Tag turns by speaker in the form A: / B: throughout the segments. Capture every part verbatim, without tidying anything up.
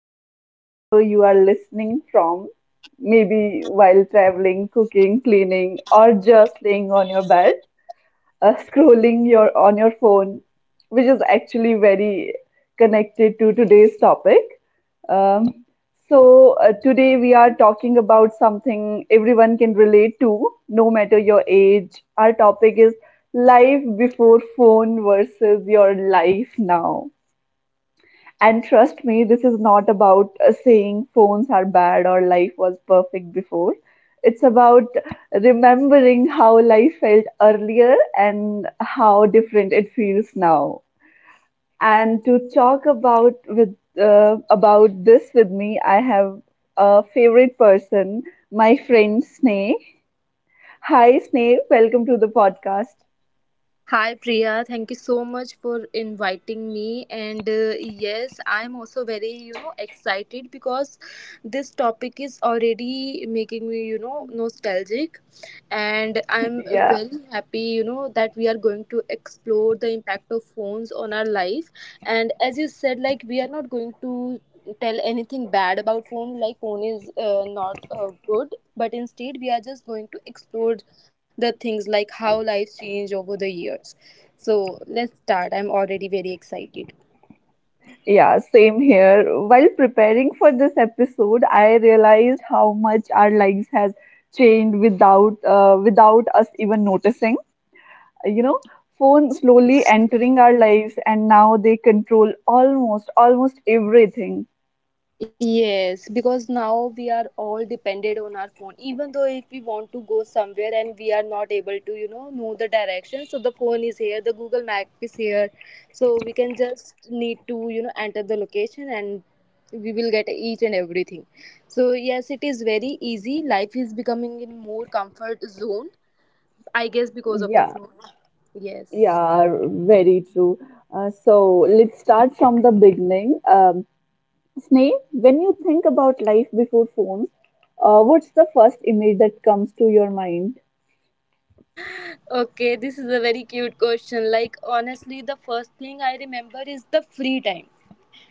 A: uh, Wherever you are listening from, maybe while traveling, cooking, cleaning, or just laying on your bed, uh, scrolling your on your phone, which is actually very connected to today's topic. Um, so uh, Today we are talking about something everyone can relate to, no matter your age. Our topic is life before phone versus your life now. And trust me, this is not about uh, saying phones are bad or life was perfect before. It's about remembering how life felt earlier and how different it feels now. And to talk about with uh, about this with me, I have a favorite person, my friend Sneh. Hi, Sneh. Welcome to the podcast.
B: Hi Priya, thank you so much for inviting me. And uh, yes, I'm also, very, you know, excited because this topic is already making me, you know, nostalgic. And I'm
A: Yeah.
B: very happy, you know, that we are going to explore the impact of phones on our life, and as you said, like we are not going to tell anything bad about phone, like phone is uh, not uh, good, but instead we are just going to explore the things like how life changed over the years. So let's start, I'm already very excited.
A: Yeah, same here. While preparing for this episode, I realized how much our lives has changed without uh, without us even noticing. You know, phones slowly
B: Yes
A: entering our lives, and now they control almost almost everything.
B: Yes, because now we are all dependent on our phone. Even though if we want to go somewhere and we are not able to, you know, know the direction, so the phone is here, the Google Map is here, so we can just need to, you know, enter the location and we will get each and everything. So yes, it is very easy. Life is becoming in more comfort zone, I guess, because of the
A: Yeah,
B: phone. Yes.
A: yeah, very true. Uh, so let's start from the beginning. Um, Sneh, when you think about life before phones, uh, what's the first image that comes to your mind?
B: Okay, this is a very cute question. Like honestly, the first thing I remember is the free time,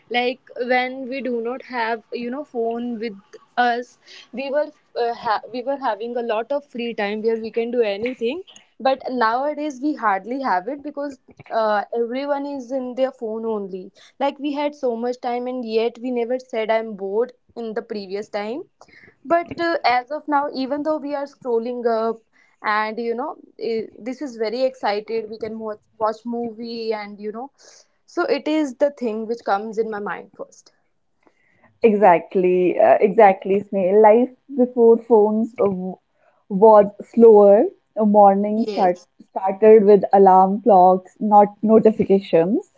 B: like when we do not have, you know, phone with us, we were uh, ha- we were having a lot of free time where we can do anything, but nowadays we hardly have it because uh, everyone is in their phone only. Like we had so much time and yet we never said I'm bored in the previous time, but uh, as of now, even though we are scrolling up and you know eh, this is very excited, we can watch, watch movie and you know. So it is the thing which comes in my mind first.
A: Exactly, uh, exactly, Snail. Life before phones uh, w- was slower. A Morning start
B: Yes.
A: started with alarm clocks, not notifications.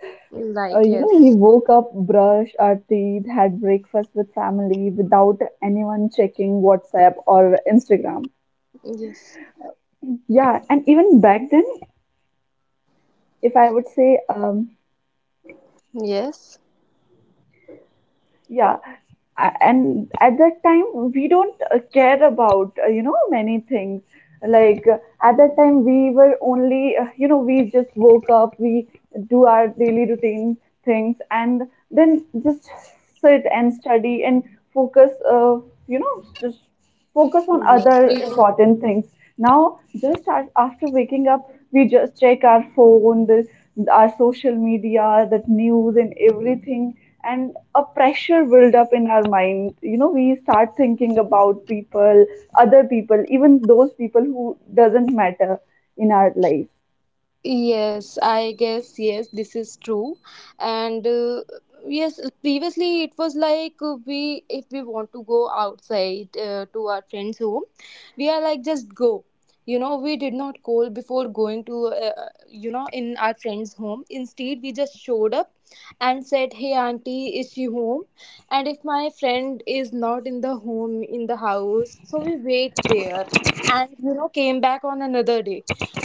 A: Uh, you
B: Like
A: know, we
B: yes,
A: woke up, brushed our teeth, had breakfast with family without anyone checking WhatsApp or Instagram.
B: yes,
A: Yeah, and even back then, if I would say, um,
B: yes,
A: yeah. A- and at that time we don't uh, care about uh, you know, many things, like uh, at that time we were only, uh, you know, we just woke up, we do our daily routine things and then just sit and study and focus, uh, you know, just focus on other
B: yes.
A: important things. Now, just a- after waking up, we just check our phone, this, our social media, that news and everything, and a pressure build up in our mind. You know, we start thinking about people, other people, even those people who doesn't matter in our life.
B: Yes, I guess yes, this is true. And uh, yes, previously it was like uh, we, if we want to go outside uh, to our friend's home, we are like just go. You know, we did not call before going to, uh, you know, in our friend's home. Instead, we just showed up and said, "Hey, auntie, is she home?" And if my friend is not in the home in the house, so we wait there and you know came back on another day.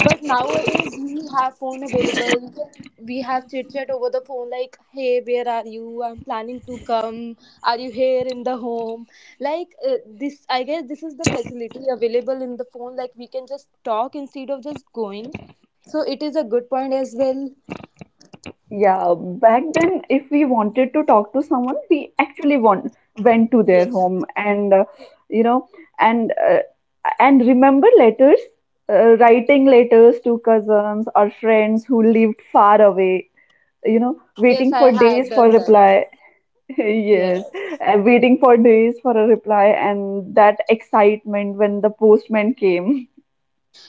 B: But nowadays we have phone available. We have chit chat over the phone, like, "Hey, where are you? I'm planning to come. Are you here in the home?" Like uh, this, I guess this is the facility available in the phone. Like we can just talk instead of just going. So it is a good point as well.
A: Yeah, back then, if we wanted to talk to someone, we actually want, went to their
B: Yes,
A: home and, uh, you know, and uh, and remember letters, uh, writing letters to cousins or friends who lived far away, you know,
B: yes,
A: waiting for
B: I had
A: days for
B: done that.
A: reply.
B: Yeah.
A: Yes, and waiting for days for a reply and that excitement when the postman came.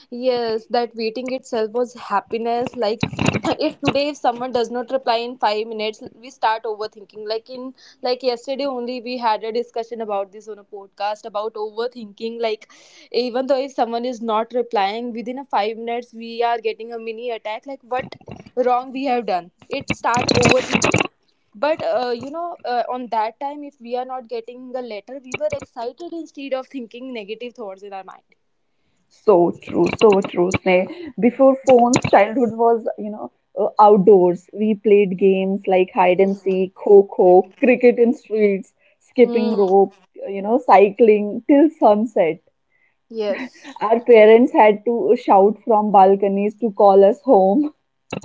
B: Yes, that waiting itself was happiness. Like if today if someone does not reply in five minutes, we start overthinking. Like in like yesterday only we had a discussion about this on a podcast about overthinking. Like even though if someone is not replying within a five minutes, we are getting a mini attack. Like what wrong we have done? It start overthinking. But uh, you know, uh, on that time, if we are not getting a letter, we were excited instead of thinking negative thoughts in our mind.
A: So true, so true, Sneh. Before phones, childhood was, you know, uh, outdoors. We played games like hide and seek, kho-kho, cricket in streets, skipping
B: Hmm.
A: rope, uh, you know, cycling till sunset.
B: Yes.
A: Our parents had to shout from balconies to call us home.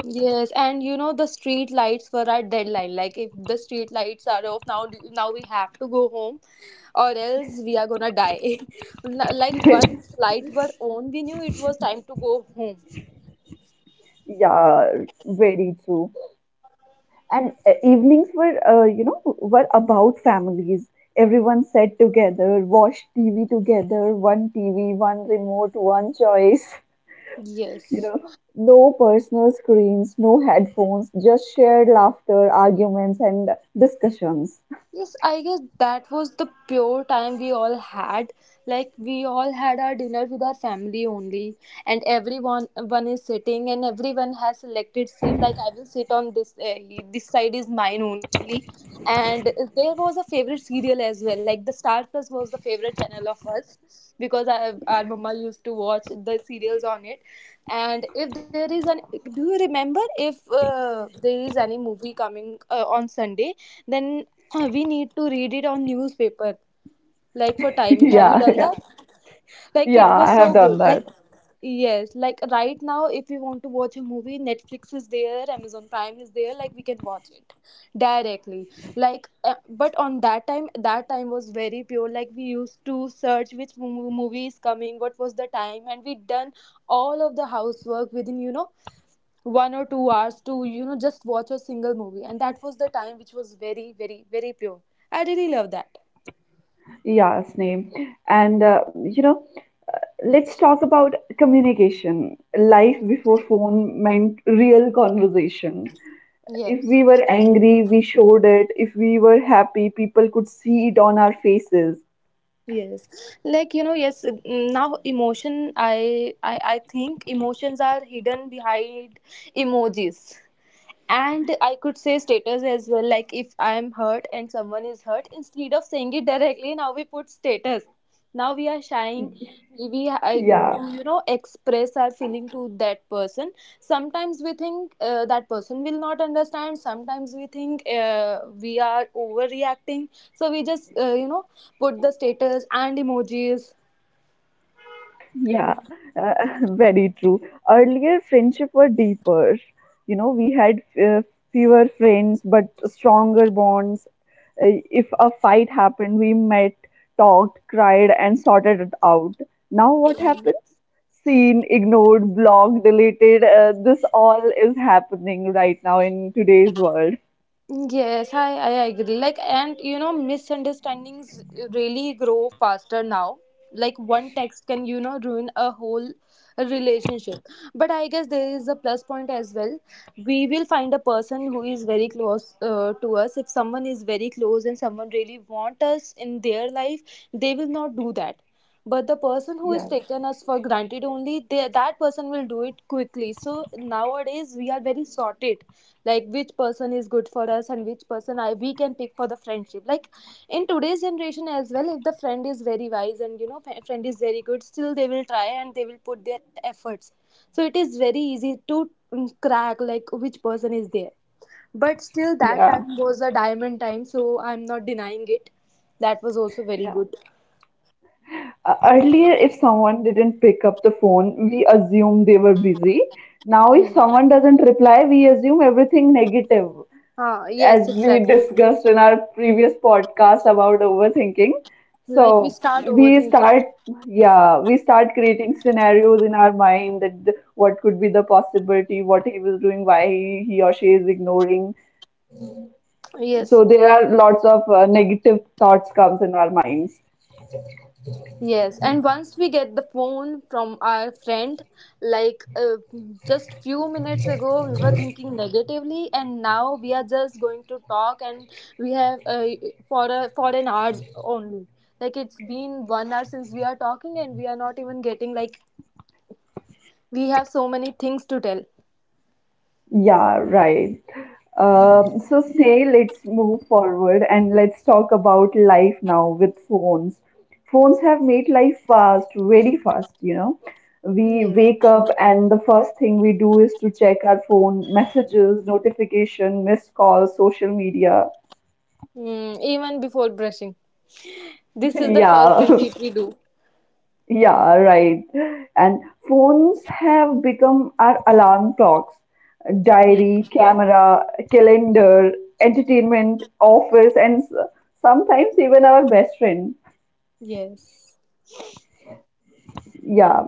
B: Yes, and you know the street lights were our deadline. Like if the street lights are off now, now we have to go home, or else we are gonna die. Like once light were on, we knew it was time to go home.
A: Yeah, very true. and uh, evenings were, uh, you know, were about families. Everyone sat together, watched TV together, one TV, one remote, one choice.
B: Yes.
A: You know, no personal screens, no headphones, just shared laughter, arguments, and discussions.
B: Yes, I guess that was the pure time we all had. Like we all had our dinner with our family only, and everyone one is sitting, and everyone has selected seat. Like I will sit on this. Uh, this side is mine only, and there was a favorite serial as well. Like the Star Plus was the favorite channel of us because our, our mama used to watch the serials on it. And if there is an, do you remember if uh, there is any movie coming uh, on Sunday? Then uh, we need to read it on newspaper, like for timing, have you done
A: Yeah,
B: that? Like it was
A: yeah,
B: so good,
A: yeah,
B: like yes. Like right now if we want to watch a movie, Netflix is there, Amazon Prime is there, like we can watch it directly. like uh, but on that time, that time was very pure. Like we used to search which mo- movie is coming, what was the time, and we done all of the housework within you know one or two hours to you know just watch a single movie, and that was the time which was very, very, very pure. I really love that.
A: yeah, Sneha. And uh, you know, let's talk about communication. Life before phone meant real conversation. If
B: Yes,
A: we were angry, we showed it. If we were happy, people could see it on our faces.
B: yes. Like you know yes, mm, now emotion i i, I think emotions are hidden behind emojis, and I could say status as well. Like if I am hurt and someone is hurt, instead of saying it directly, now we put status, now we are shying, we I, to,
A: Yeah,
B: you know, express our feeling to that person. Sometimes we think uh, that person will not understand, sometimes we think uh, we are overreacting, so we just, uh, you know, put the status and emojis.
A: yeah, uh, very true. Earlier, friendship were deeper. You know, we had uh, fewer friends but stronger bonds. Uh, if a fight happened, we met, talked, cried, and sorted it out. Now, what happens? Seen, ignored, blocked, deleted. Uh, this all is happening right now in today's world.
B: Yes, I, I agree. Like, and you know, misunderstandings really grow faster now. Like, one text can, you know, ruin a whole relationship. But I guess there is a plus point as well. We will find a person who is very close uh, to us. If someone is very close and someone really want us in their life, they will not do that. But the person who is taken us for granted only, they, that person will do it quickly. So nowadays, we are very sorted, like which person is good for us and which person I we can pick for the friendship. Like in today's generation as well, if the friend is very wise and you know fri- friend is very good, still they will try and they will put their efforts. So it is very easy to mm, crack like which person is there. But still, that time was a diamond time, so I'm not denying it. That was also very good.
A: Uh, earlier, if someone didn't pick up the phone, we assume they were busy. Now, if
B: Hmm.
A: someone doesn't reply, we assume everything negative,
B: Ah,
A: as
B: yes,
A: we
B: exactly.
A: discussed in our previous podcast about overthinking.
B: Like we
A: So,
B: start
A: we
B: overthinking.
A: start, yeah, we start creating scenarios in our mind that the, what could be the possibility, what he was doing, why he, he or she is ignoring. So,
B: Yes.
A: there are lots of uh, negative thoughts comes in our minds.
B: Yes, and once we get the phone from our friend, like uh, just few minutes ago, we were thinking negatively, and now we are just going to talk, and we have uh, for a, for an hour only. Like it's been one hour since we are talking, and we are not even getting like we have so many things to tell.
A: Yeah, right. Um, so, say, let's move forward and let's talk about life now with phones. Phones have made life fast, very fast, you know. We
B: Yes.
A: wake up and the first thing we do is to check our phone messages, notification, missed calls, social media.
B: Mm, even before brushing, this is the first
A: Yeah.
B: thing which we do.
A: Yeah, right. And phones have become our alarm clocks,
B: Mm.
A: diary, camera, calendar, entertainment, office, and s- sometimes even our best friend.
B: Yes.
A: Yeah.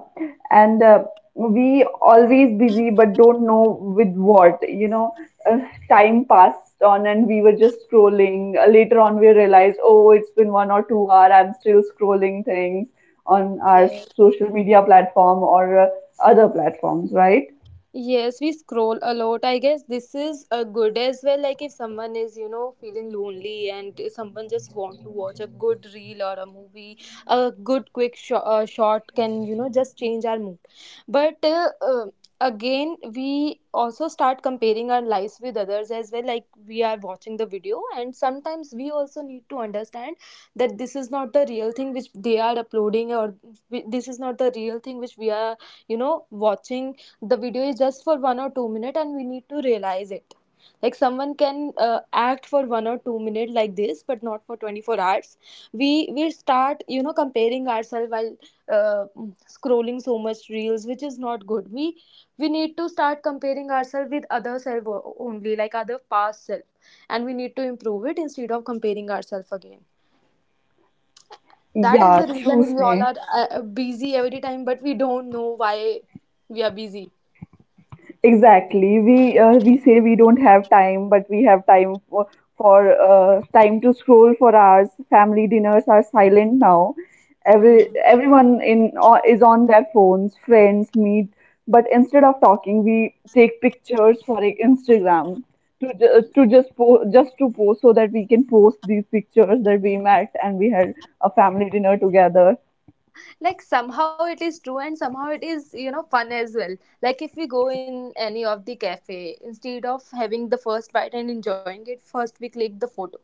A: And uh, we always busy but don't know with what, you know. uh, Time passed on and we were just scrolling. Uh, later on we realized, oh, it's been one or two hour, I'm still scrolling things on our social media platform or uh, other platforms, right?
B: Yes, we scroll a lot. I guess this is a good as well. Like if someone is, you know, feeling lonely and someone just want to watch a good reel or a movie, a good quick sh- uh, shot can, you know, just change our mood. But uh, uh, again, we also start comparing our lives with others as well. Like we are watching the video, and sometimes we also need to understand that this is not the real thing which they are uploading, or this is not the real thing which we are, you know, watching. The video is just for one or two minutes, and we need to realize it. Like someone can uh, act for one or two minutes like this, but not for twenty-four hours. We we start, you know, comparing ourselves while uh, scrolling so much reels, which is not good. We we need to start comparing ourselves with other self only, like other past self, and we need to improve it instead of comparing ourselves again. That is the
A: Ah, true,
B: reason we all
A: Sneh.
B: are uh, busy every time, but we don't know why we are busy.
A: Exactly. We uh, we say we don't have time, but we have time for, for uh, time to scroll for hours. Family dinners are silent now. Every
B: Hmm.
A: everyone in uh, is on their phones. Friends meet, but instead of talking, we take pictures for Instagram to ju- to just po- just to post so that we can post these pictures that we met and we had a family dinner together.
B: Like somehow it is true and somehow it is, you know, fun as well. Like if we go in any of the cafe, instead of having the first bite and enjoying it first, we click the photo.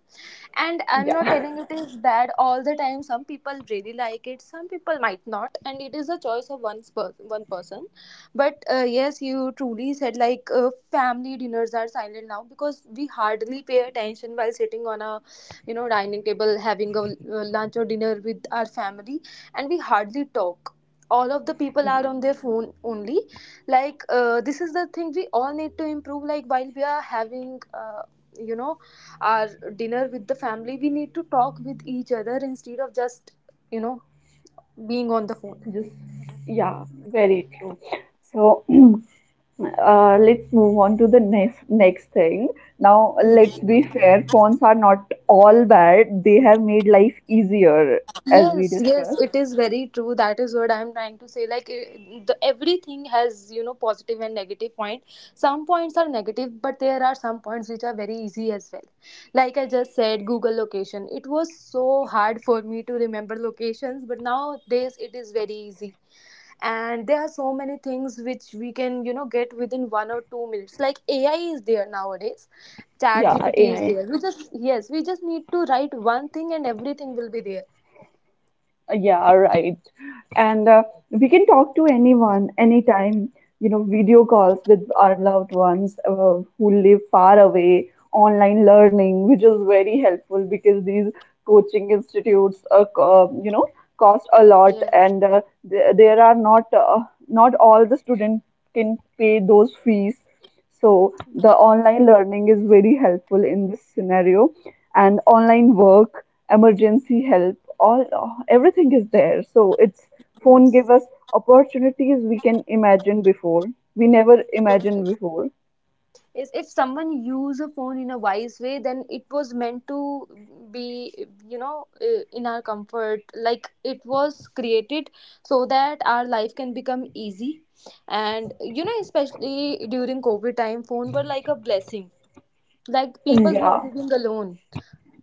B: And I'm not telling it is bad all the time. Some people really like it, some people might not, and it is a choice of one person, one person. But uh, yes, you truly said, like uh, family dinners are silent now because we hardly pay attention while sitting on a, you know, dining table having a, uh, lunch or dinner with our family, and we hardly talk. All of the people are
A: Yeah,
B: on their phone only. like uh, this is the thing we all need to improve. Like while we are having, uh, you know, our dinner with the family, we need to talk with each other instead of just, you know, being on the phone.
A: just yeah, very true. So. Uh, let's move on to the next next thing. Now,
B: Hmm.
A: let's be fair. Phones are not all bad. They have made life easier, as we
B: yes yes
A: discussed.
B: it is very true. That is what I'm trying to say. Like eh, the, everything has, you know, positive and negative point. Some points are negative, but there are some points which are very easy as well. Like I just said, Google location, it was so hard for me to remember locations, but nowadays it is very easy. And there are so many things which we can, you know, get within one or two minutes. Like AI is there nowadays, chat
A: Yeah,
B: gpt is
A: A I.
B: there, we just yes we just need to write one thing and everything will be there.
A: Yeah, right. And uh, we can talk to anyone, anytime, you know, video calls with our loved ones uh, who live far away, online learning, which is very helpful because these coaching institutes, uh, co- um, you know, cost a lot
B: yes
A: and uh, there, there are not, uh, not all the students can pay those fees. So the online learning is very helpful in this scenario, and online work, emergency help, all everything is there. So it's phone give
B: yes
A: us opportunities we can imagine before. We never imagined
B: yes.
A: before.
B: Yes, if someone use a phone in a wise way, then it was meant to be, you know uh, in our comfort. Like it was created so that our life can become easy. And, you know, especially during covid time, phone were like a blessing. Like people who are
A: Yeah,
B: living alone,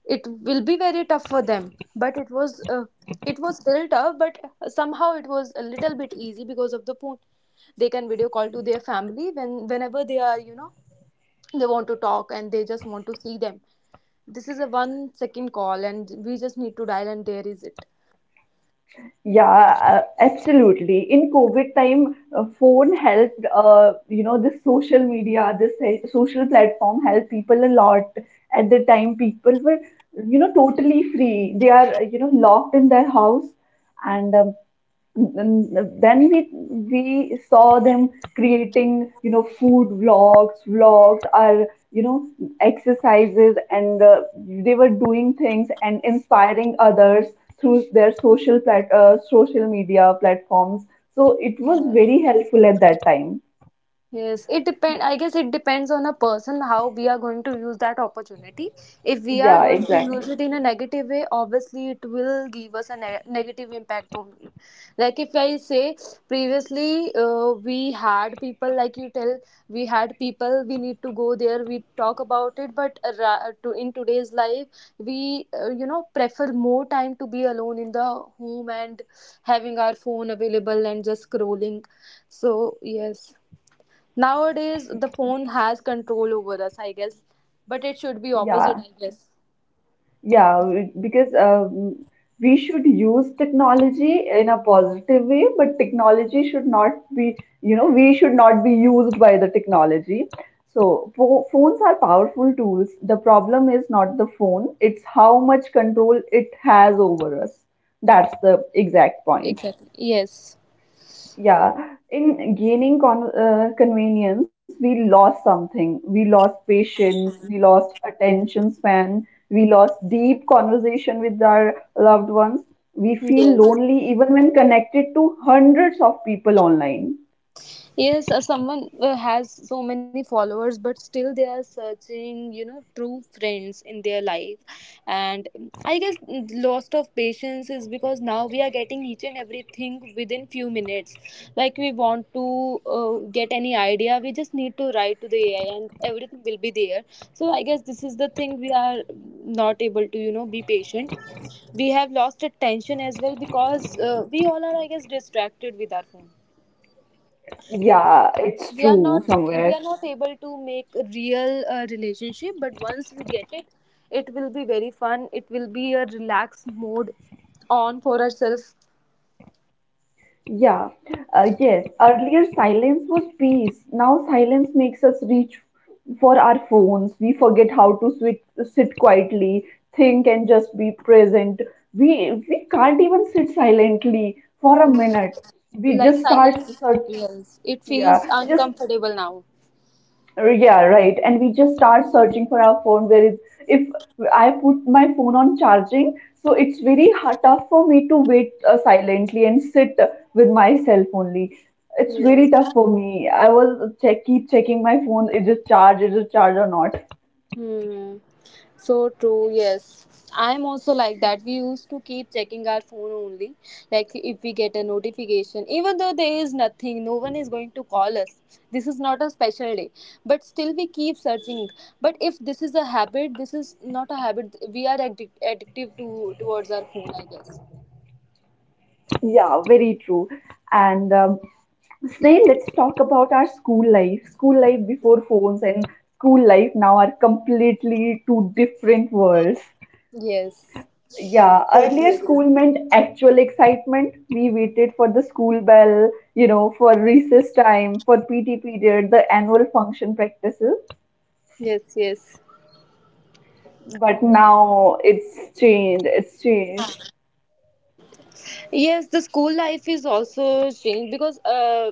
B: it will be very tough for them, but it was uh, it was still tough, but somehow it was a little bit easy because of the phone. They can video call to their family when whenever they are, you know, they want to talk and they just want to see them. This is a one second call and we just need to dial and there is it.
A: yeah, uh, absolutely. In COVID time, uh, phone helped, uh, you know, this social media, this uh, social platform helped people a lot. At the time, people were, you know, totally free. They are, you know, locked in their house and um, then we we saw them creating, you know, food vlogs vlogs or, you know, exercises, and uh, they were doing things and inspiring others through their social plat- uh, social media platforms. So it was very helpful at that time.
B: Yes, it depend. I guess it depends on a person how we are going to use that opportunity. If we are
A: Yeah,
B: going to use
A: exactly.
B: it in a negative way, obviously it will give us a ne- negative impact only. Like if I say previously, uh, we had people like you tell, we had people. We need to go there. We talk about it, but uh, ra- to in today's life, we uh, you know, prefer more time to be alone in the home and having our phone available and just scrolling. So yes. Nowadays, the phone has control over us, I guess, but it should be opposite,
A: Yeah.
B: I guess.
A: Yeah, we- because um, we should use technology in a positive way, but technology should not be, you know, we should not be used by the technology. So, pho- phones are powerful tools. The problem is not the phone, it's how much control it has over us. That's the exact point.
B: Exactly. Yes.
A: Yeah, in gaining con uh, convenience, we lost something. We lost patience, we lost attention span, we lost deep conversation with our loved ones. We feel
B: Yes.
A: lonely even when connected to hundreds of people online.
B: Yes, or someone uh, has so many followers, but still they are searching, you know, true friends in their life. And I guess loss of patience is because now we are getting each and everything within few minutes. Like we want to uh, get any idea, we just need to write to the A I, and everything will be there. So I guess this is the thing we are not able to, you know, be patient. We have lost attention as well, because uh, we all are, I guess, distracted with our phone.
A: Yeah, it's
B: we are
A: true
B: not we
A: somewhere.
B: are not able to make a real uh, relationship, but once we get it, it will be very fun, it will be a relaxed mode on for ourselves.
A: Yeah, uh, yes. Earlier, silence was peace. Now, silence makes us reach for our phones. We forget how to sit, sit quietly, think, and just be present. We we can't even sit silently for a minute.
B: Yes.
A: We
B: Like
A: just start
B: silence,
A: search.
B: yes, it feels
A: Yeah, we just
B: uncomfortable now.
A: uh, yeah, right. And we just start searching for our phone. Where is, if I put my phone on charging, so it's very hard, tough for me to wait uh, silently and sit with myself only. It's
B: Yes.
A: very tough for me. I was check keep checking my phone. Is it charged? Is it charged or not?
B: Hmm. So true, yes. I'm also like that. We used to keep checking our phone only. Like if we get a notification, even though there is nothing, no one is going to call us. This is not a special day. But still we keep searching. But if this is a habit, this is not a habit. We are addic- addictive to towards our phone, I guess.
A: Yeah, very true. And um, Snail, let's talk about our school life. School life before phones and school life now are completely two different worlds.
B: Yes.
A: Yeah, earlier school meant actual excitement. We waited for the school bell, you know, for recess time, for P T period, the annual function practices.
B: Yes, yes.
A: But now it's changed. It's changed.
B: Yes, the school life is also changed because uh,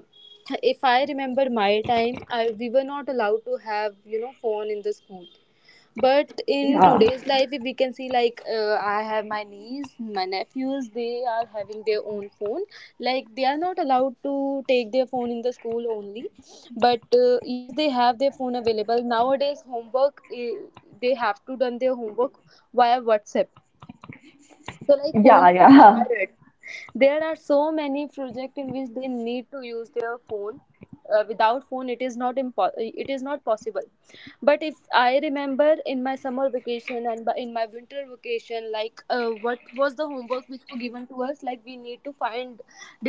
B: if I remember my time, I, we were not allowed to have, you know, phone in the school. But in
A: Yeah,
B: today's life, if we can see, like uh, I have my niece, my nephews, they are having their own phone. Like they are not allowed to take their phone in the school only, but uh, yes, they have their phone available nowadays. Homework, eh, they have to done their homework via WhatsApp, so like phone
A: yeah,
B: is
A: yeah,
B: required. There are so many projects in which they need to use their phone. Uh, without phone, it is not impo- it is not possible. But if I remember in my summer vacation and bu- in my winter vacation, like uh, what was the homework which were given to us? Like we need to find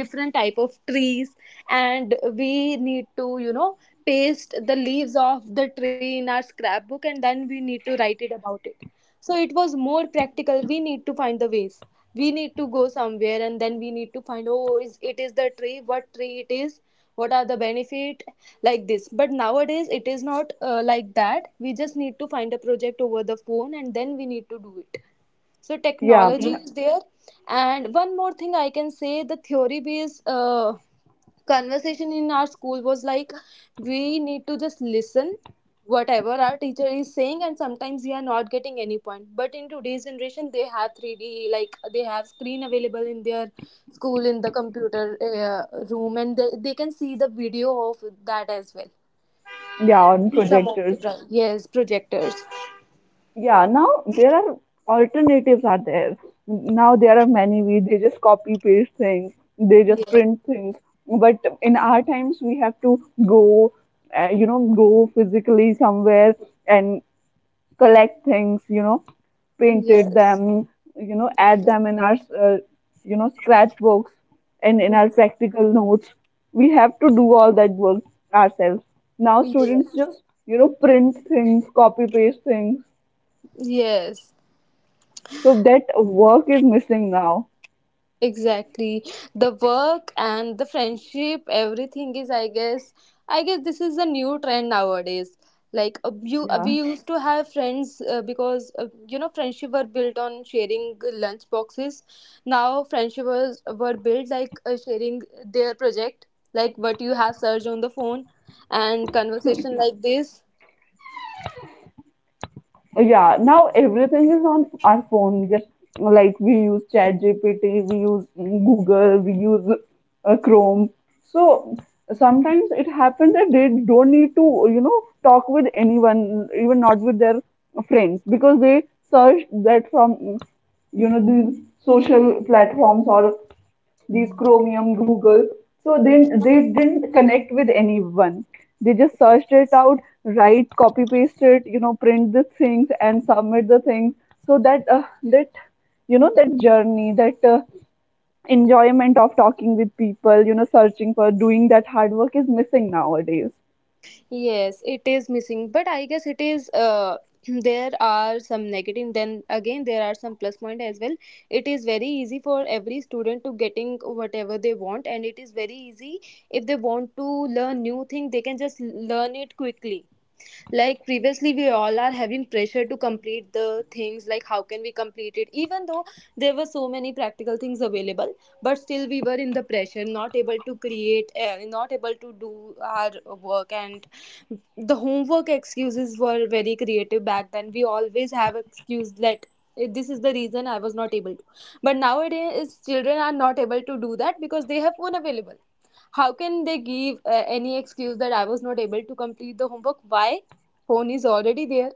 B: different type of trees, and we need to, you know, paste the leaves of the tree in our scrapbook, and then we need to write it about it. So it was more practical, we need to find the ways, we need to go somewhere and then we need to find, oh, is it is the tree, what tree it is, what are the benefit, like this. But nowadays it is not uh, like that. We just need to find a project over the phone and then we need to do it. So
A: yeah,
B: technology is there. And one more thing I can say, the theory based uh, conversation in our school was like, we need to just listen whatever our teacher is saying, and sometimes we are not getting any point. But in today's generation they have three d, like they have screen available in their school in the computer uh, room, and they, they can see the video of that as well.
A: yeah, on
B: In some of the
A: projectors.
B: pro- Yes, projectors.
A: Yeah, now there are alternatives are there. Now there are many. We They just copy paste things. They just
B: yes
A: print things. But in our times, we have to go, uh, you know, go physically somewhere and collect things. You know, painted
B: yes
A: them. You know, add them in our, uh, you know, scratchbooks and in our
B: yes
A: practical notes. We have to do all that work ourselves. Now students
B: yes.
A: just, you know, print things, copy paste things,
B: Yes,
A: so that work is missing now.
B: exactly. The work and the friendship, everything is, I guess, I guess this is a new trend nowadays. Like uh, you, uh,
A: Yeah.
B: we used to have friends uh, because uh, you know, friendship were built on sharing lunch boxes. Now friendship was were built like, uh, sharing their project, like what you have searched on the phone, and conversation
A: Yeah.
B: like this.
A: Yeah, now everything is on our phone. Just like we use ChatGPT, we use Google, we use uh, Chrome. So sometimes it happens that they don't need to, you know, talk with anyone, even not with their friends, because they search that from, you know, these social platforms or these Chromium, Google. So then they didn't connect with anyone. They just searched it out, write, copy paste it, you know, print the things and submit the things. So that uh, that you know, that journey, that uh, enjoyment of talking with people, you know, searching for doing that hard work is missing nowadays.
B: Yes, it is missing, but I guess it is. Uh, there are some negative. Then again, there are some plus point as well. It is very easy for every student to getting whatever they want, and it is very easy if they want to learn new thing. They can just learn it quickly. Like previously we all are having pressure to complete the things, like how can we complete it, even though there were so many practical things available, but still we were in the pressure, not able to create uh, not able to do our work. And the homework excuses were very creative back then. We always have excuse like this is the reason I was not able to. But nowadays children are not able to do that because they have phone available. How can they give uh, any excuse that I was not able to complete the homework? Why? Phone is already there.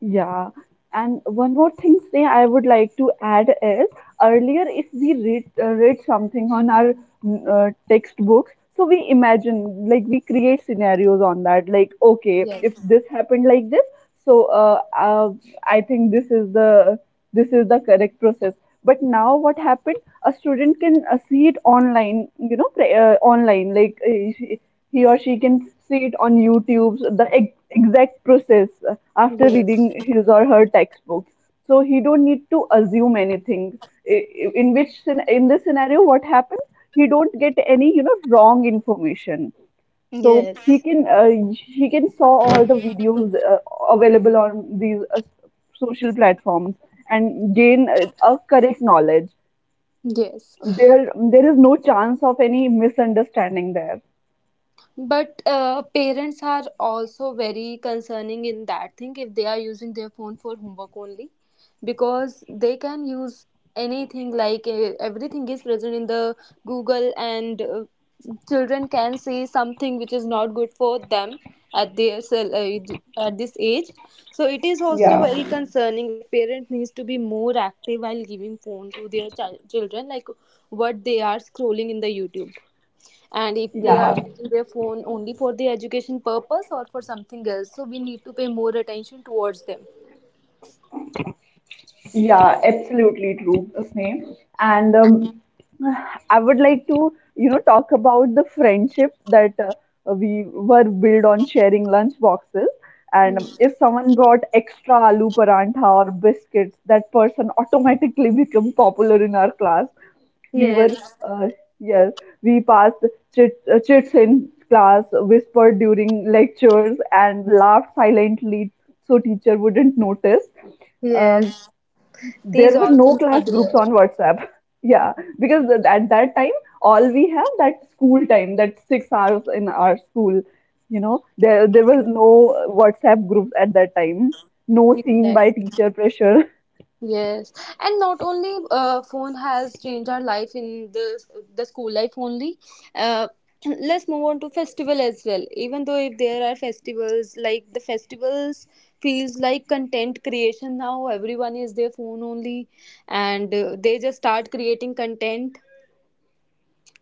A: Yeah, and one more thing, Sneha, I would like to add is earlier, if we read uh, read something on our mm, uh, textbooks, so we imagine like we create scenarios on that. Like, okay,
B: Yes.
A: if this happened like this, so uh, uh, I think this is the this is the correct process. But now, what happens? A student can uh, see it online, you know pre- uh, online, like uh, she- he or she can see it on YouTube, so the ex- exact process, uh, after
B: Yes.
A: reading his or her textbook, so he don't need to assume anything. I- i- in which scen- in this scenario, what happens, he don't get any, you know, wrong information. So he
B: Yes.
A: can uh, he can saw all the videos uh, available on these, uh, social platforms and gain, uh, a correct knowledge.
B: Yes.
A: There there is no chance of any misunderstanding there.
B: But uh, parents are also very concerning in that thing, if they are using their phone for homework only, because they can use anything. Like uh, everything is present in the google, and uh, children can see something which is not good for them at their cell- uh, at this age. So it is also
A: Yeah,
B: very concerning. Like parents needs to be more active while giving phone to their child children, like what they are scrolling in the youtube, and if they are
A: yeah,
B: using their phone only for the education purpose or for something else. So we need to pay more attention towards them.
A: yeah, absolutely true, Sneh. And um, I would like to, you know, talk about the friendship that, uh, we were built on sharing lunch boxes.
B: Hmm.
A: And if someone brought extra aloo parantha or biscuits, that person automatically became popular in our class. We were,
B: yes
A: uh, yeah, we passed chit, uh, chits in class, whispered during lectures, and laughed silently so teacher wouldn't notice. um,
B: yes
A: there
B: these
A: were
B: all
A: no
B: things are
A: class groups
B: there.
A: on WhatsApp. Yeah. Because th- at that time, all we have that school time, that six hours in our school. You know, there there was no WhatsApp groups at that time, no seen by
B: Exactly.
A: teacher pressure.
B: Yes, and not only uh, phone has changed our life in the the school life only. Uh, let's move on to festival as well. Even though if there are festivals, like the festivals feels like content creation now. Everyone is their phone only, and uh, they just start creating content.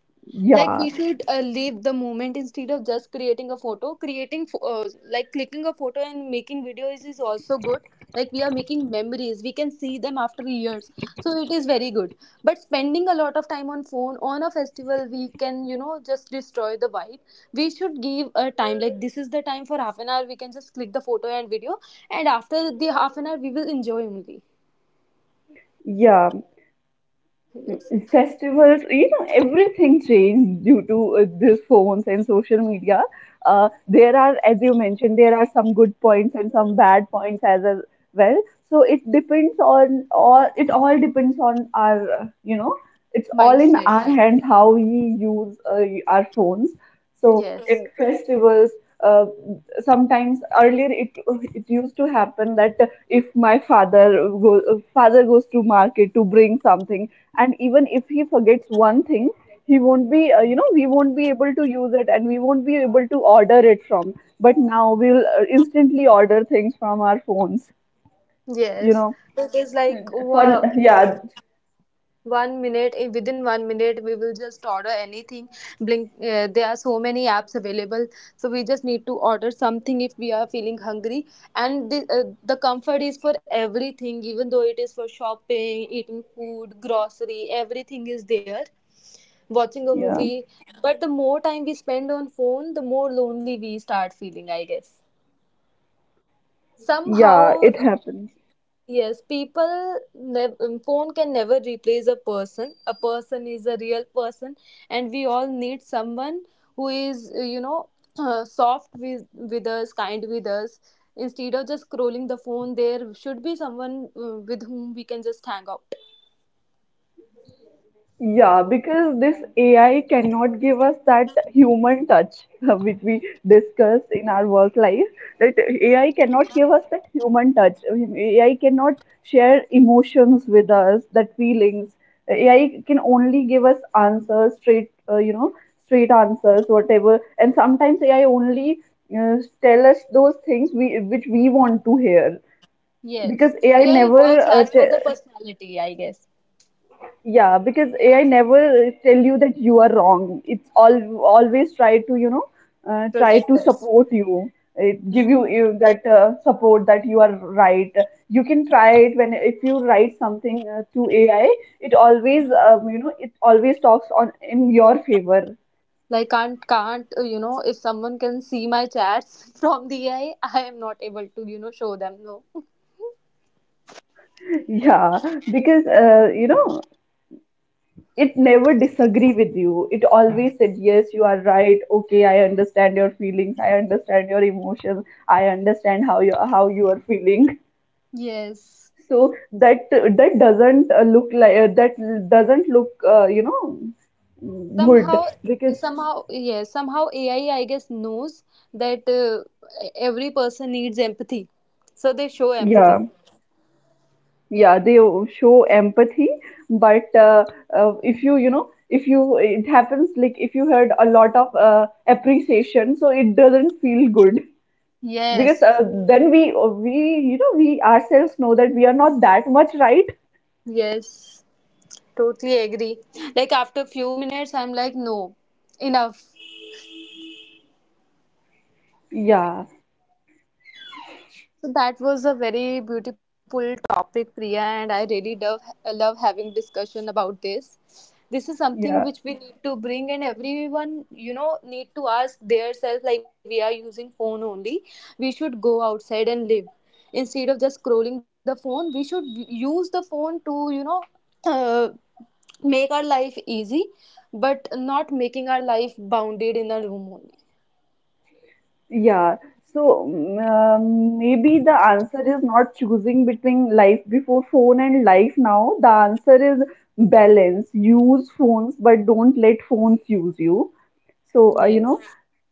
B: Like
A: Yeah,
B: we should uh, live the moment instead of just creating a photo creating pho- uh, like, clicking a photo and making videos is also good. Like we are making memories, we can see them after years, so it is very good. But spending a lot of time on phone on a festival, we can, you know, just destroy the vibe. We should give a time, like this is the time for half an hour, we can just click the photo and video, and after the half an hour we will enjoy only.
A: yeah.
B: Yes.
A: Festivals, you know, everything changed due to, uh, these phones and social media. Uh, there are, as you mentioned, there are some good points and some bad points as a- well. So it depends on, or it all depends on our, uh, you know, it's all in
B: Mindset.
A: our hands how we use, uh, our phones. So in
B: yes
A: festivals, uh, sometimes earlier, it it used to happen that if my father go, father goes to market to bring something, and even if he forgets one thing, he won't be, uh, you know, we won't be able to use it, and we won't be able to order it from. But now we'll, uh, instantly order things from our phones, you
B: yes
A: know,
B: it is like
A: for
B: wow.
A: yeah.
B: One minute, in within one minute we will just order anything. Blink, uh, there are so many apps available. So we just need to order something if we are feeling hungry. And the, uh, the comfort is for everything, even though it is for shopping, eating food, grocery, everything is there, watching a
A: Yeah,
B: movie. But the more time we spend on phone, the more lonely we start feeling, I guess,
A: yeah,
B: somehow.
A: it happens.
B: Yes, people, nev- um, phone can never replace a person. A person is a real person, and we all need someone who is, uh, you know, uh, soft with, with us, kind with us. Instead of just scrolling the phone, there should be someone uh, with whom we can just hang out.
A: Yeah, because this A I cannot give us that human touch which we discuss in our work life. That A I cannot give us that human touch. I mean, A I cannot share emotions with us, that feelings. A I can only give us answers, straight, uh, you know, straight answers, whatever. And sometimes A I only, uh, tell us those things we which we want to hear.
B: Yes,
A: Because AI
B: A I works
A: never uh,
B: as per
A: te-
B: the personality, I guess.
A: yeah, because A I never tell you that you are wrong. It's all always try to, you know, uh, try to
B: Protect us.
A: support you. It give you, you that, uh, support that you are right. You can try it when, if you write something, uh, to A I, it always, um, you know, it always talks on in your favor.
B: Like can't can't uh, you know, if someone can see my chats from the A I, I I am not able to, you know, show them. No.
A: Yeah, because, uh, you know, it never disagree with you, it always said, yes, you are right, okay, I understand your feelings, I understand your emotions, I understand how you how you are feeling.
B: Yes.
A: So that that doesn't, uh, look like, uh, that doesn't look, uh, you know, good.
B: Somehow.
A: Because
B: Somehow yeah somehow AI, I guess, knows that uh, every person needs empathy, so they show
A: yeah,
B: empathy.
A: yeah, they show empathy, but, uh, uh, if you, you know, if you, it happens like, if you had a lot of, uh, appreciation, so it doesn't feel good. Because,
B: Yes.
A: uh, then we uh, we, you know, we ourselves know that we are not that much right.
B: Yes, totally agree. Like after few minutes I'm like, no, enough.
A: Yeah,
B: So that was a very beautiful topic, Priya, and I really love love having discussion about this. This is something
A: yeah.
B: which we need to bring, and everyone, you know, need to ask themselves, like we are using phone only. We should go outside and live instead of just scrolling the phone. We should use the phone to, you know, uh, make our life easy, but not making our life bounded in a room only.
A: Yeah, so mm, um, maybe the answer is not choosing between life before phone and life now. The answer is balance. Use phones, but don't let phones use you. So, uh, you
B: Yes.
A: know,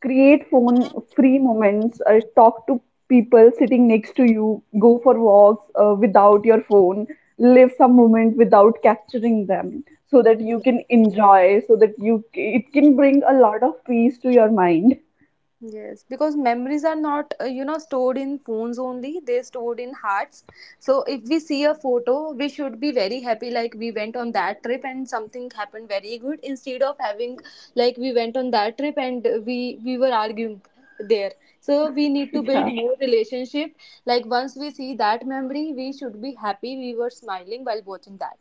A: create phone free moments, uh, talk to people sitting next to you, go for walks, uh, without your phone, live some moment without capturing them so that you can enjoy, so that you, it can bring a lot of peace to your mind.
B: Yes, because memories are not, uh, you know, stored in phones only, they're stored in hearts. So if we see a photo, we should be very happy, like we went on that trip and something happened very good, instead of having, like we went on that trip and we we were arguing there. So we need to build
A: Yeah.
B: more relationship. Like once we see that memory, we should be happy, we were smiling while watching that.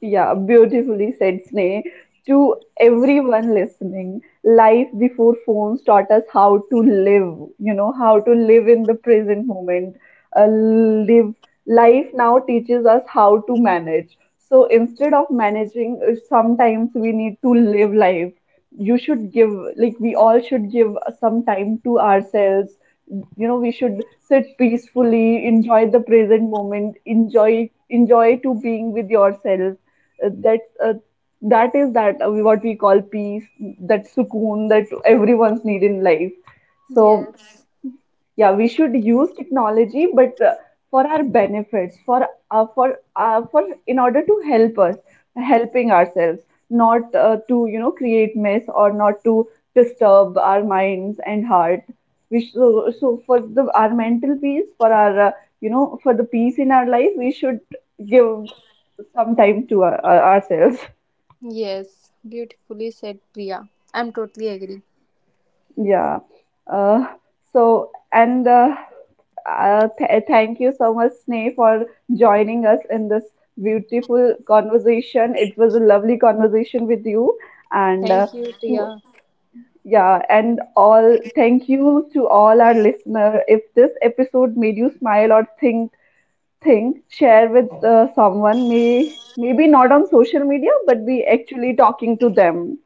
A: Yeah, beautifully said, Sneh. To everyone listening, life before phones taught us how to live, you know, how to live in the present moment. Uh, live life now teaches us how to manage. So instead of managing, uh, sometimes we need to live life. You should give, like, we all should give some time to ourselves. You know, we should sit peacefully, enjoy the present moment, enjoy, enjoy to being with yourself. uh, that's uh, that is that uh, what we call peace, that sukoon that everyone's need in life. So,
B: Yes.
A: yeah, we should use technology, but, uh, for our benefits, for uh, for uh, for in order to help us, helping ourselves, not, uh, to, you know, create mess, or not to disturb our minds and heart. We sh- so, so for the our mental peace, for our, uh, you know, for the peace in our life, we should give some time to our, our- ourselves.
B: Yes, beautifully said, Priya. I'm totally agree.
A: Yeah. Uh, so, and uh, uh, th- uh, Thank you so much, Sneh, for joining us in this beautiful conversation. It was a lovely conversation with you. And, uh,
B: Thank you,
A: to,
B: Priya.
A: yeah, and all, thank you to all our listener. If this episode made you smile or think thing, share with, uh, someone, may maybe not on social media, but be actually talking to them.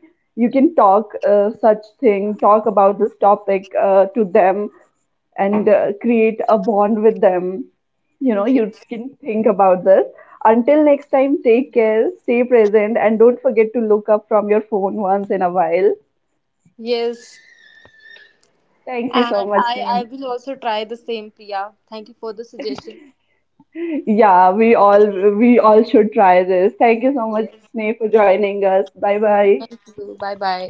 A: You can talk, uh, such thing, talk about this topic, uh, to them, and, uh, create a bond with them. You know, you can think about this. Until next time, take care, stay present, and don't forget to look up from your phone once in a while.
B: Yes,
A: Thank you so
B: and
A: much,
B: I I
A: Sneha.
B: will also try the same, Priya. Thank you for the suggestion.
A: Yeah, we all, we all should try this. Thank you so much,
B: Yes,
A: Sneha, for joining us. Bye bye.
B: bye bye.